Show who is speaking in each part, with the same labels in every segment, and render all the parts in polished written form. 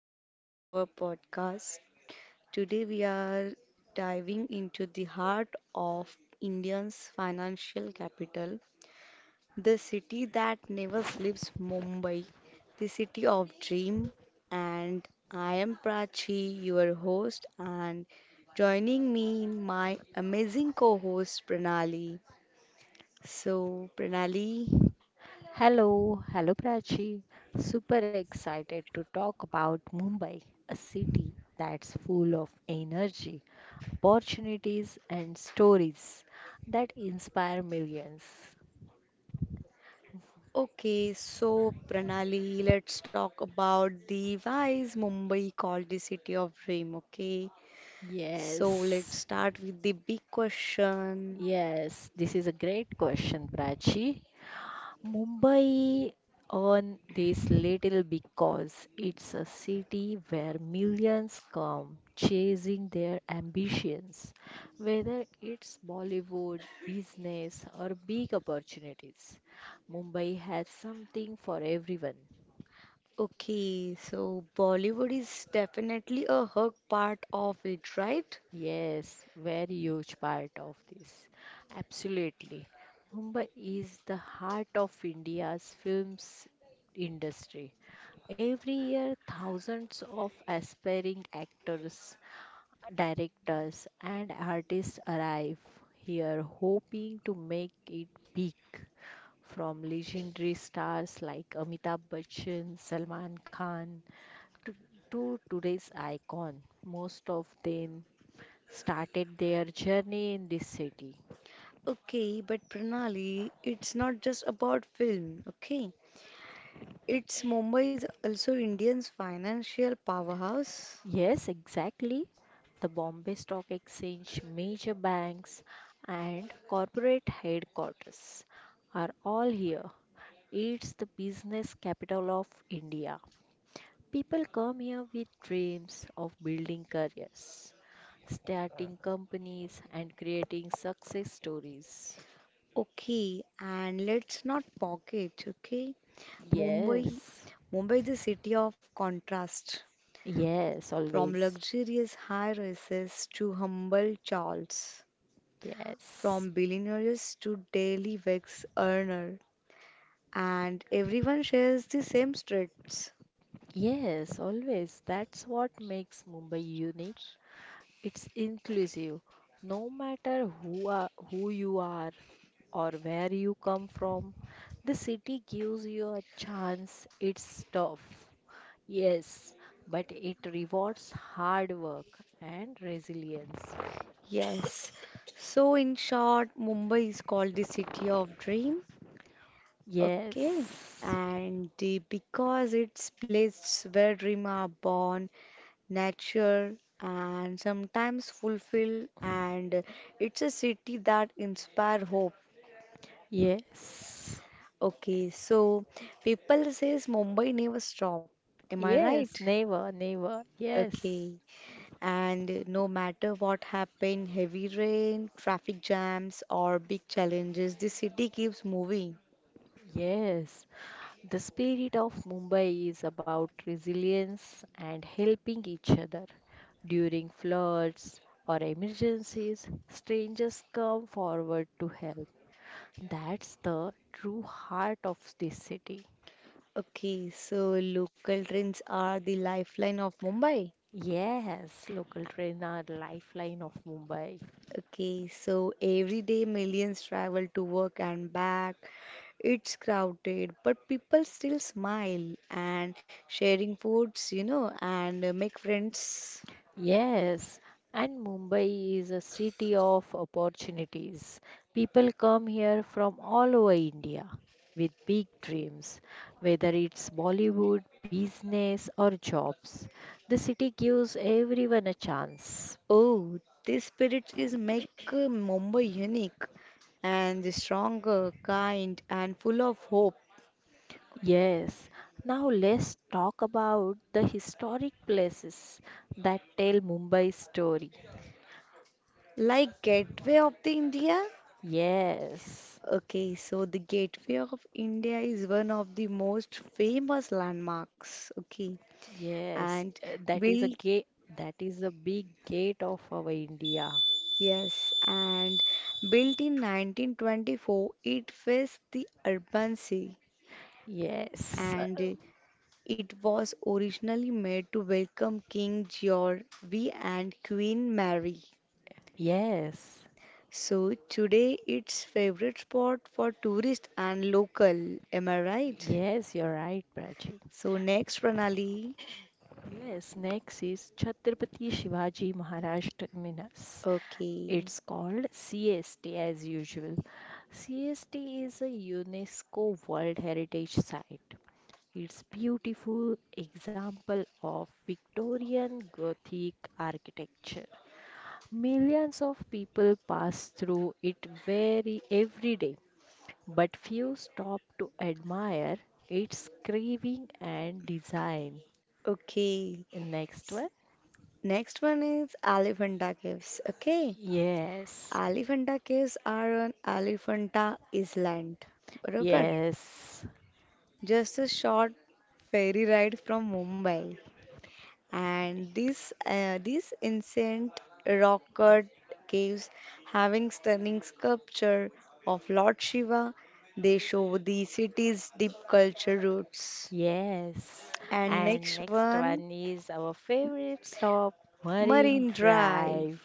Speaker 1: welcome to our podcast. Today we are diving into the heart of India's financial capital, the city that never sleeps, Mumbai, the city of dream. And I am Prachi, your host, and joining me my amazing co-host Pranali. So Pranali,
Speaker 2: Hello, hello Prachi. Super excited to talk about Mumbai, a city that's full of energy, opportunities, and stories that inspire millions.
Speaker 1: Okay, so Pranali, let's talk about the why Mumbai called the city of dream, okay? So let's
Speaker 2: Yes,
Speaker 1: start with the big question.
Speaker 2: yes, this is a great question, Prachi. Mumbai on this little because it's a city where millions come chasing their ambitions, whether it's Bollywood, business, or big opportunities. Mumbai has something for everyone.
Speaker 1: Okay, so Bollywood is definitely a hug part of it, right?
Speaker 2: Yes, very huge part of this. Absolutely. Mumbai is the heart of India's films industry. Every year, thousands of aspiring actors, directors, and artists arrive here hoping to make it big. From legendary stars like Amitabh Bachchan, Salman Khan, to, to today's icon, most of them started their journey in this city.
Speaker 1: Okay, but Pranali, it's not just about film, okay? It's Mumbai is also India's financial powerhouse.
Speaker 2: Yes, exactly. The Bombay Stock Exchange, major banks, and corporate headquarters are all here. It's the business capital of India. People come here with dreams of building careers, starting companies, and creating success stories.
Speaker 1: Okay, and let's not forget, okay? Mumbai,
Speaker 2: Yes,
Speaker 1: Mumbai, the city of contrast,
Speaker 2: yes,
Speaker 1: from
Speaker 2: always.
Speaker 1: luxurious high rises to humble chawls, from
Speaker 2: Yes.
Speaker 1: billionaires to daily wage earner, and everyone shares the same streets.
Speaker 2: Yes, always. That's what makes Mumbai unique. It's inclusive. No matter who you are or where you come from, the city gives you a chance. It's tough. Yes, but it rewards hard work and resilience.
Speaker 1: Yes. So in short, Mumbai is called the city of dream. Okay.
Speaker 2: Yes.
Speaker 1: And the, because it's place where dreams are born, nature, and sometimes fulfill. And it's a city that inspire hope.
Speaker 2: Yes.
Speaker 1: Okay, so people says Mumbai never stop. Am I right?
Speaker 2: Yes, never, never. Yes.
Speaker 1: Okay. And no matter what happen, heavy rain, traffic jams, or big challenges, the city keeps moving.
Speaker 2: Yes. The spirit of Mumbai is about resilience and helping each other. During floods or emergencies, strangers come forward to help. That's the true heart of this city.
Speaker 1: Okay, so local trains are the lifeline of Mumbai.
Speaker 2: Yes, local trains are lifeline of Mumbai.
Speaker 1: Okay, so every day millions travel to work and back. It's crowded, but people still smile and sharing foods and make friends.
Speaker 2: Yes, and Mumbai is a city of opportunities. People come here from all over India with big dreams, whether it's Bollywood, business, or jobs. The city gives everyone a chance.
Speaker 1: Oh, this spirit is make Mumbai unique and stronger, kind, and full of hope.
Speaker 2: Yes, now let's talk about the historic places that tell Mumbai's story.
Speaker 1: Like Gateway of the India?
Speaker 2: Yes,
Speaker 1: Okay, so the Gateway of India is one of the most famous landmarks. Okay,
Speaker 2: yes,
Speaker 1: and
Speaker 2: that is a
Speaker 1: built
Speaker 2: gate, that is a big gate of our India.
Speaker 1: Yes, and built in 1924, it faced the urban sea
Speaker 2: Yes, uh,
Speaker 1: and it was originally made to welcome King George V and Queen Mary.
Speaker 2: yes,
Speaker 1: So today it's favorite spot for tourists and local, am I right?
Speaker 2: yes, you're right, Prachi.
Speaker 1: So next Pranali.
Speaker 2: Yes, next is Chhatrapati Shivaji Maharaj Terminus.
Speaker 1: Okay.
Speaker 2: It's called CST as usual. CST is a UNESCO World Heritage Site. It's beautiful example of Victorian Gothic architecture. Millions of people pass through it very every day, but few stop to admire its carving and design.
Speaker 1: Okay.
Speaker 2: Next
Speaker 1: S-
Speaker 2: one.
Speaker 1: Next one is Elephanta Caves. Okay.
Speaker 2: Yes,
Speaker 1: Elephanta Caves are on Elephanta Island. બરોબર
Speaker 2: yes,
Speaker 1: just a short ferry ride from Mumbai. And these ancient rock cut caves having stunning sculpture of Lord Shiva, they show the city's deep culture roots.
Speaker 2: yes.
Speaker 1: And
Speaker 2: And
Speaker 1: next
Speaker 2: next
Speaker 1: one,
Speaker 2: one is our favorite stop, Marine
Speaker 1: Marine Drive.
Speaker 2: Drive.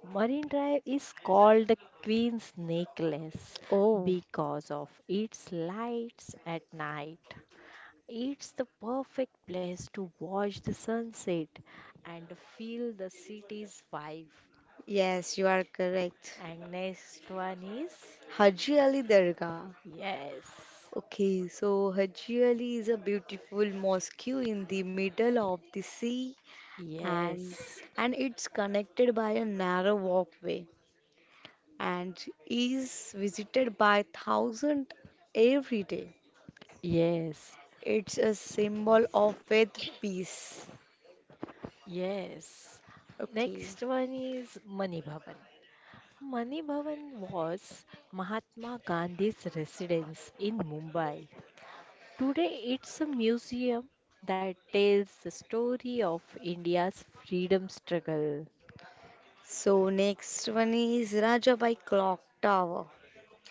Speaker 2: Marine Drive is called the Queen's Necklace
Speaker 1: Oh,
Speaker 2: because of its lights at night. It's the perfect place to watch the sunset and feel the city's vibe.
Speaker 1: yes, you are correct.
Speaker 2: And next one is
Speaker 1: Haji Ali Dargah.
Speaker 2: yes,
Speaker 1: Okay, so Haji Ali is a beautiful mosque in the middle of the sea and
Speaker 2: yes,
Speaker 1: it's connected by a narrow walkway and is visited by thousands every day.
Speaker 2: yes,
Speaker 1: It's a symbol of faith, peace.
Speaker 2: yes.
Speaker 1: Okay.
Speaker 2: Next one is Mani Bhavan. Mani Bhavan was Mahatma Gandhi's residence in Mumbai. Today, it's a museum that tells the story of India's freedom struggle.
Speaker 1: So next one is Rajabai Clock Tower.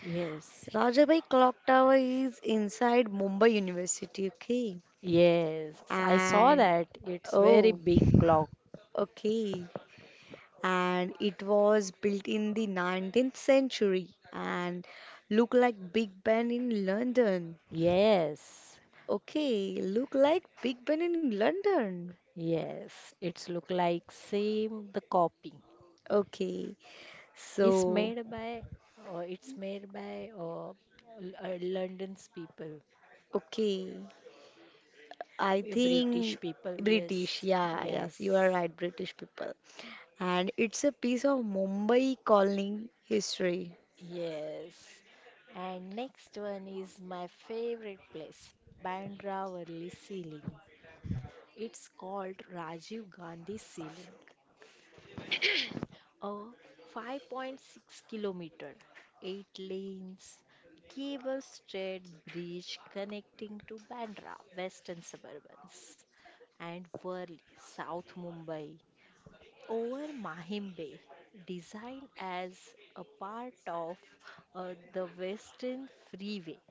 Speaker 2: Yes.
Speaker 1: Rajabai Clock Tower is inside Mumbai University, okay?
Speaker 2: Yes, I saw
Speaker 1: And
Speaker 2: that. It's very
Speaker 1: oh,
Speaker 2: big clock.
Speaker 1: okay. And it was built in the 19th century and look like Big Ben in London.
Speaker 2: Yes,
Speaker 1: Okay, look like Big Ben in London.
Speaker 2: yes. It's look like same the copy.
Speaker 1: Okay,
Speaker 2: It's
Speaker 1: so
Speaker 2: made by it's made by L- London's people,
Speaker 1: okay, I think
Speaker 2: British people.
Speaker 1: British.
Speaker 2: Yes,
Speaker 1: Yeah,
Speaker 2: yes,
Speaker 1: yes, you are right, British people. And it's a piece of Mumbai colony history.
Speaker 2: yes. And next one is my favorite place, Bandra Worli ceiling. It's called Rajiv Gandhi ceiling. A 5.6 kilometer, 8 lanes, cable straight bridge connecting to Bandra, Western Suburbans, and Worli, South Mumbai, over Mahim Bay, designed as a part of the Western Freeway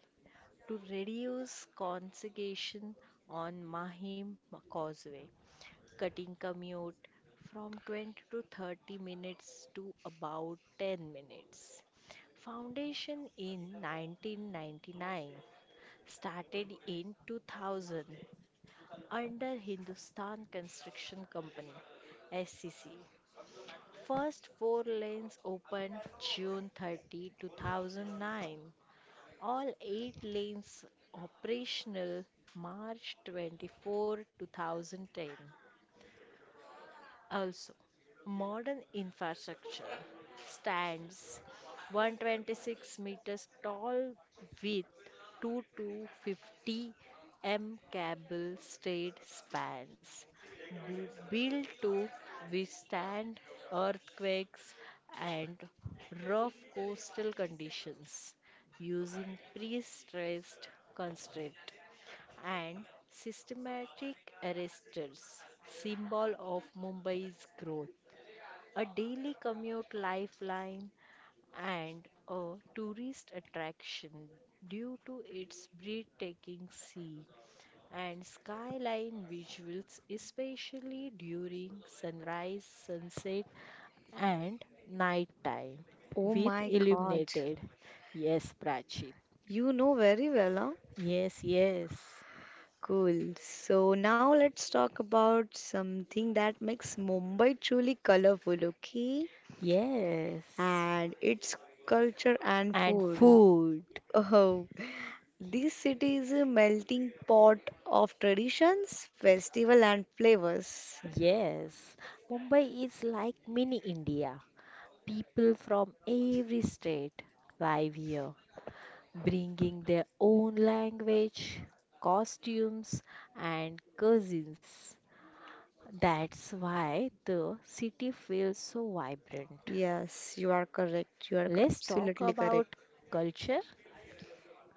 Speaker 2: to reduce congestion on Mahim Causeway cutting commute from 20 to 30 minutes to about 10 minutes. Foundation in 1999, started in 2000 under Hindustan Construction Company SCC. First four lanes opened June 30, 2009. All eight lanes operational March 24, 2010. Also, modern infrastructure stands 126 meters tall with 2 to 50 m cable straight spans built to withstand earthquakes and rough coastal conditions using pre-stressed concrete and systematic arresters, symbol of Mumbai's growth, a daily commute lifeline, and a tourist attraction due to its breathtaking sea and skyline visuals, especially during sunrise, sunset, and nighttime
Speaker 1: Oh
Speaker 2: with
Speaker 1: my God,
Speaker 2: illuminated. Yes, Prachi.
Speaker 1: you know very well, huh?
Speaker 2: Yes, yes.
Speaker 1: Cool. So now let's talk about something that makes Mumbai truly colorful, okay?
Speaker 2: Yes.
Speaker 1: And its culture and
Speaker 2: And
Speaker 1: food.
Speaker 2: food.
Speaker 1: Oh, this city is a melting pot of traditions, festival and flavors.
Speaker 2: Yes, Mumbai is like mini India. People from every state live here, bringing their own language, costumes, and cousins. That's why the city feels so vibrant.
Speaker 1: Yes, you are correct. You are
Speaker 2: Let's talk
Speaker 1: absolutely correct.
Speaker 2: about culture.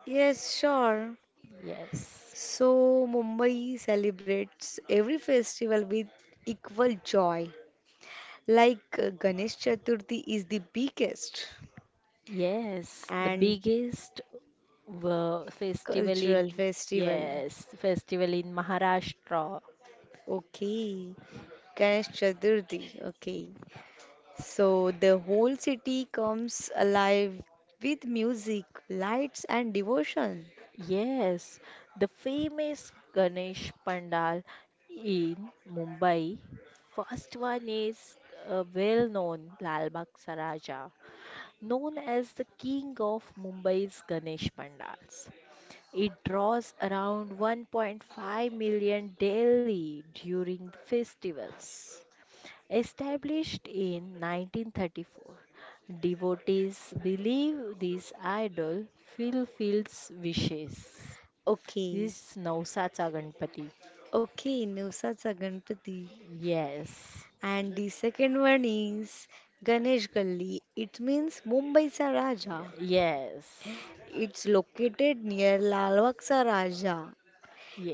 Speaker 1: Yes, sure.
Speaker 2: Yes.
Speaker 1: So Mumbai celebrates every festival with equal joy. Like Ganesh Chaturthi is the biggest
Speaker 2: Yes, the
Speaker 1: and
Speaker 2: biggest festival
Speaker 1: cultural
Speaker 2: in
Speaker 1: festival.
Speaker 2: yes, festival in Maharashtra.
Speaker 1: Okay, Ganesh Chaturthi. Okay, so the whole city comes alive with music, lights, and devotion.
Speaker 2: Yes, the famous Ganesh Pandal in Mumbai. First one is well known Lal Bagh Saraja, known as the king of Mumbai's Ganesh Pandals. It draws around 1.5 million daily during the festivals. Established in 1934, devotees believe this idol fulfills wishes. Is
Speaker 1: Okay,
Speaker 2: Navsacha Ganpati.
Speaker 1: okay, Navsatsa Ganpati.
Speaker 2: Yes.
Speaker 1: And the second one is Ganesh Gully. It means Mumbai's Raja.
Speaker 2: Yes.
Speaker 1: It's located near Lalbagh Raja.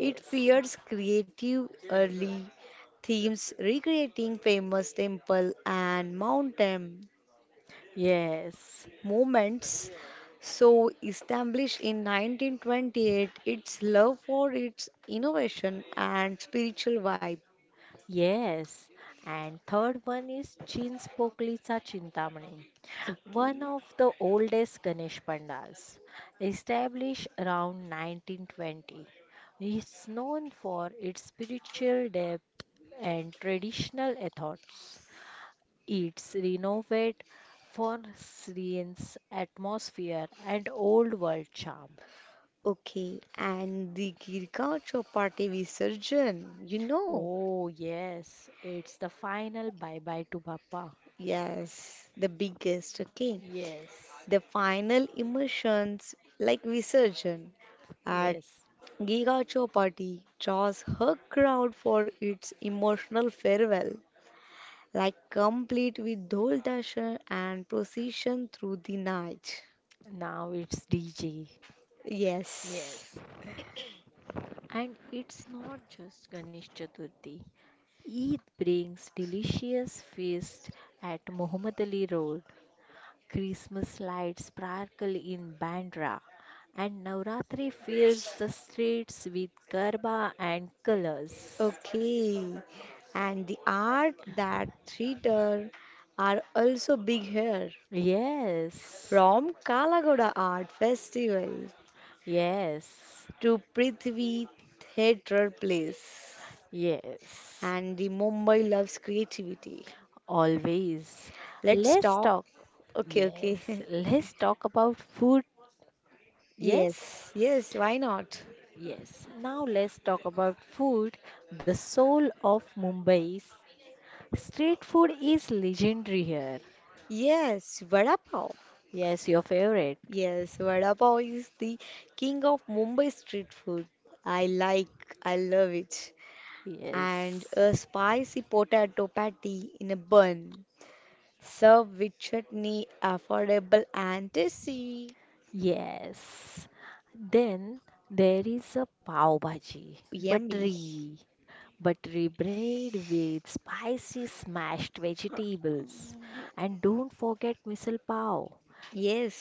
Speaker 1: It features creative early themes recreating famous temple and mountain
Speaker 2: Yes.
Speaker 1: moments, so established in 1928, its love for its innovation and spiritual vibe.
Speaker 2: Yes. And third one is Chinspoklicha Chintamani,
Speaker 1: Okay.
Speaker 2: one of the oldest Ganesh Pandals, established around 1920. It's known for its spiritual depth and traditional ethos. It's renovate for Syrian's atmosphere and old world charm.
Speaker 1: okay and the Girka Chopra resurgence,
Speaker 2: Oh yes, it's the final bye bye to Papa.
Speaker 1: yes, the biggest, okay,
Speaker 2: Yes,
Speaker 1: the final immersions like resurgence.
Speaker 2: yes.
Speaker 1: Giga Chopati draws her crowd for its emotional farewell, like complete with dhol dasher and procession through the night.
Speaker 2: Now it's DJ.
Speaker 1: Yes.
Speaker 2: Yes. And it's not just Ganesh Chaturthi. Eid brings delicious feast at Muhammad Ali Road. Christmas lights sparkle in Bandra, and Navratri fills the streets with garba and colors.
Speaker 1: Okay, and the art that theater are also big here.
Speaker 2: Yes,
Speaker 1: From Kalagoda Art Festival
Speaker 2: yes,
Speaker 1: to Prithvi Theatre Place,
Speaker 2: yes,
Speaker 1: and the Mumbai loves creativity.
Speaker 2: always.
Speaker 1: Let's
Speaker 2: Let's
Speaker 1: talk.
Speaker 2: talk.
Speaker 1: Okay,
Speaker 2: Yes,
Speaker 1: okay.
Speaker 2: let's talk about food. Yes,
Speaker 1: Yes, yes, why not?
Speaker 2: yes. Now let's talk about food. The soul of Mumbai's street food is legendary here.
Speaker 1: Yes, vada pav.
Speaker 2: Yes, your favorite.
Speaker 1: Yes, vada pav is the king of Mumbai street food. I love it. And
Speaker 2: Yes.
Speaker 1: a spicy potato patty in a bun, served with chutney, affordable and tasty.
Speaker 2: Yes. Then there is a pav bhaji,
Speaker 1: Yummy.
Speaker 2: buttery, buttery bread with spicy smashed vegetables. And don't forget misal pav,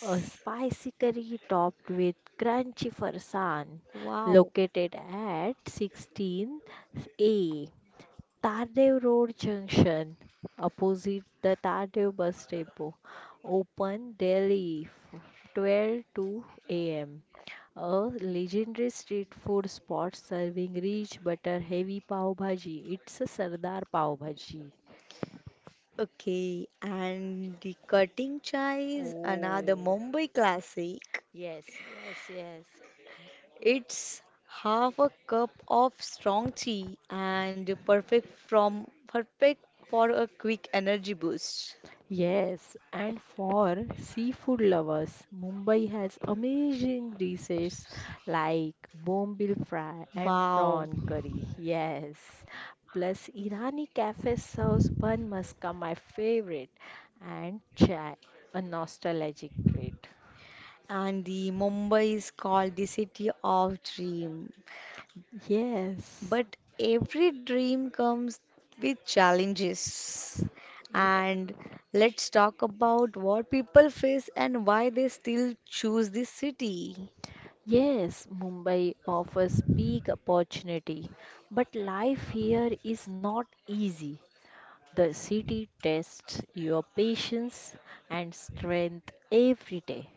Speaker 2: a spicy curry topped with crunchy farsan,
Speaker 1: Wow.
Speaker 2: located at 16A Tardev Road Junction, opposite the Tardev bus depot. Open daily 12 to am a legendary street food spot serving rich butter heavy pav bhaji. It's a Sardar pav bhaji.
Speaker 1: Okay. And the cutting chai is another
Speaker 2: Oh,
Speaker 1: Mumbai classic.
Speaker 2: yes, yes, yes.
Speaker 1: It's half a cup of strong tea and perfect for a quick energy boost.
Speaker 2: Yes, and for seafood lovers, Mumbai has amazing dishes like bombil fry and
Speaker 1: Wow.
Speaker 2: prawn curry. Yes, plus Irani cafe serves bun maska, my favorite, and chai, a nostalgic treat.
Speaker 1: And the Mumbai is called the city of dream.
Speaker 2: Yes,
Speaker 1: But every dream comes with challenges.
Speaker 2: Ye-
Speaker 1: And let's talk about what people face and why they still choose this city.
Speaker 2: yes, Mumbai offers big opportunity, but life here is not easy. The city tests your patience and strength every day.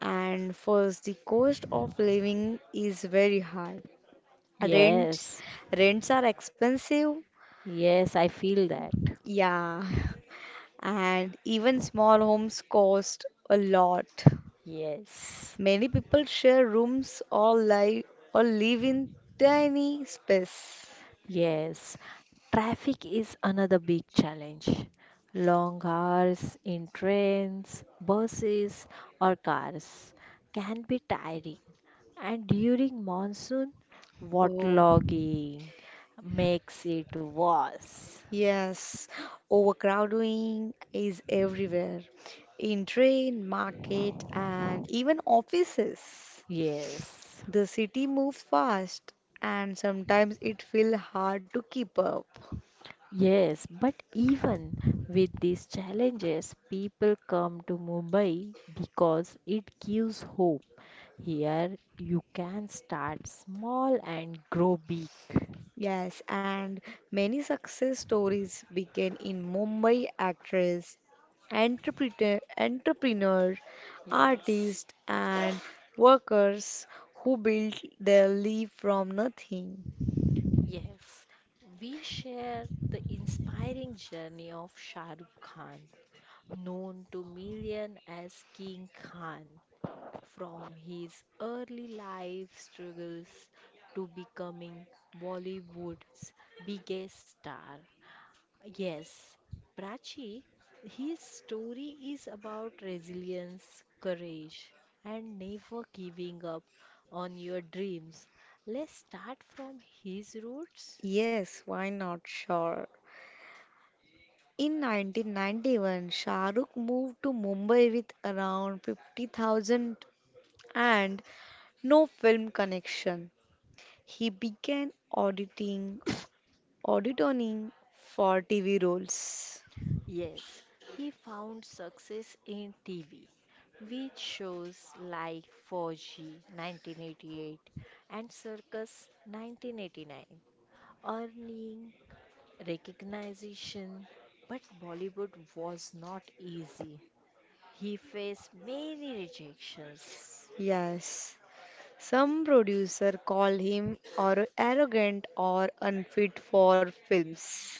Speaker 1: And first, the cost of living is very high. Rents
Speaker 2: Yes,
Speaker 1: Rents are expensive.
Speaker 2: yes, I feel that.
Speaker 1: Yeah. And even small homes cost a lot.
Speaker 2: Yes,
Speaker 1: Many people share rooms or live in tiny space.
Speaker 2: yes. Traffic is another big challenge. Long hours in trains, buses, or cars can be tiring. And during monsoon,
Speaker 1: Oh,
Speaker 2: waterlogging makes it worse.
Speaker 1: yes. Overcrowding is everywhere. In train, market, and even offices.
Speaker 2: Yes.
Speaker 1: The city moves fast, and sometimes it feels hard to keep up.
Speaker 2: Yes, but even with these challenges, people come to Mumbai because it gives hope. Here, you can start small and grow big.
Speaker 1: Yes, and many success stories began in Mumbai actress, entrepreneur,
Speaker 2: Yes,
Speaker 1: artist and workers who built their life from nothing.
Speaker 2: yes. We share the inspiring journey of Shah Rukh Khan, known to millions as King Khan, from his early life struggles to becoming Bollywood's biggest star. Yes, Prachi, his story is about resilience, courage, and never giving up on your dreams. Let's start from his roots.
Speaker 1: Yes, why not? Sure. In 1991, Shah Rukh moved to Mumbai with around 50,000 and no film connection. He began auditioning for TV roles.
Speaker 2: Yes, he found success in TV with shows like 4G 1988 and Circus 1989, earning recognition. But Bollywood was not easy. He faced many rejections.
Speaker 1: Yes. Some producer call him or arrogant or unfit for films.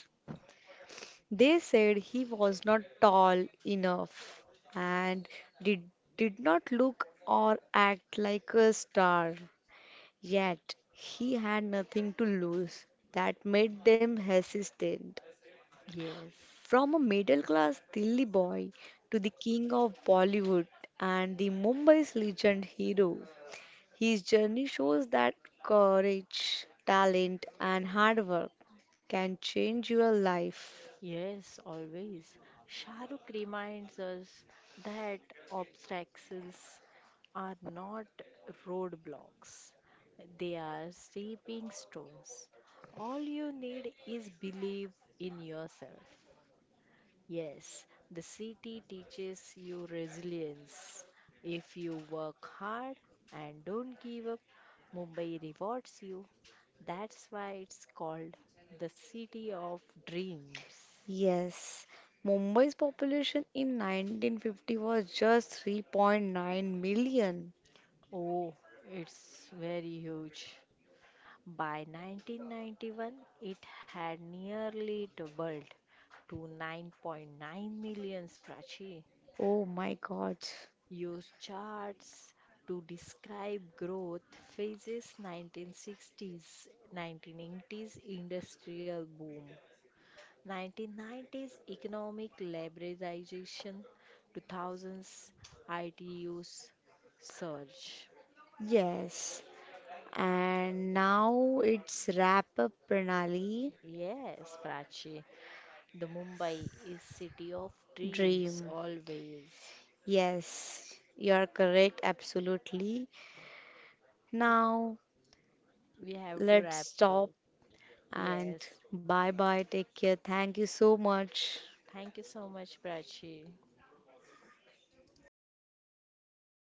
Speaker 1: They said he was not tall enough and did, did not look or act like a star. Yet he had nothing to lose. That made them hesitant.
Speaker 2: Yes,
Speaker 1: From a middle class Delhi boy to the king of Bollywood and the Mumbai's legend hero. His journey shows that courage, talent, and hard work can change your life.
Speaker 2: yes, always. Shahrukh reminds us that obstacles are not roadblocks, they are stepping stones. All you need is believe in yourself. Yes, the city teaches you resilience. If you work hard and don't give up, Mumbai rewards you. That's why it's called the city of dreams.
Speaker 1: Yes, Mumbai's population in 1950 was just 3.9 million.
Speaker 2: Oh, it's very huge. By 1991, it had nearly doubled to 9.9 million Prachi.
Speaker 1: Oh my God.
Speaker 2: Use charts to describe growth phases 1960s 1980s industrial boom 1990s economic liberalization 2000s IT use surge
Speaker 1: Yes. And now it's wrap up Pranali
Speaker 2: yes Prachi the Mumbai is city of dreams
Speaker 1: dream.
Speaker 2: always.
Speaker 1: Yes, you are correct, absolutely. Now
Speaker 2: We have to
Speaker 1: let's
Speaker 2: wrap up,
Speaker 1: stop.
Speaker 2: yes.
Speaker 1: And bye bye. Take care. Thank you so much.
Speaker 2: Thank you so much, Prachi.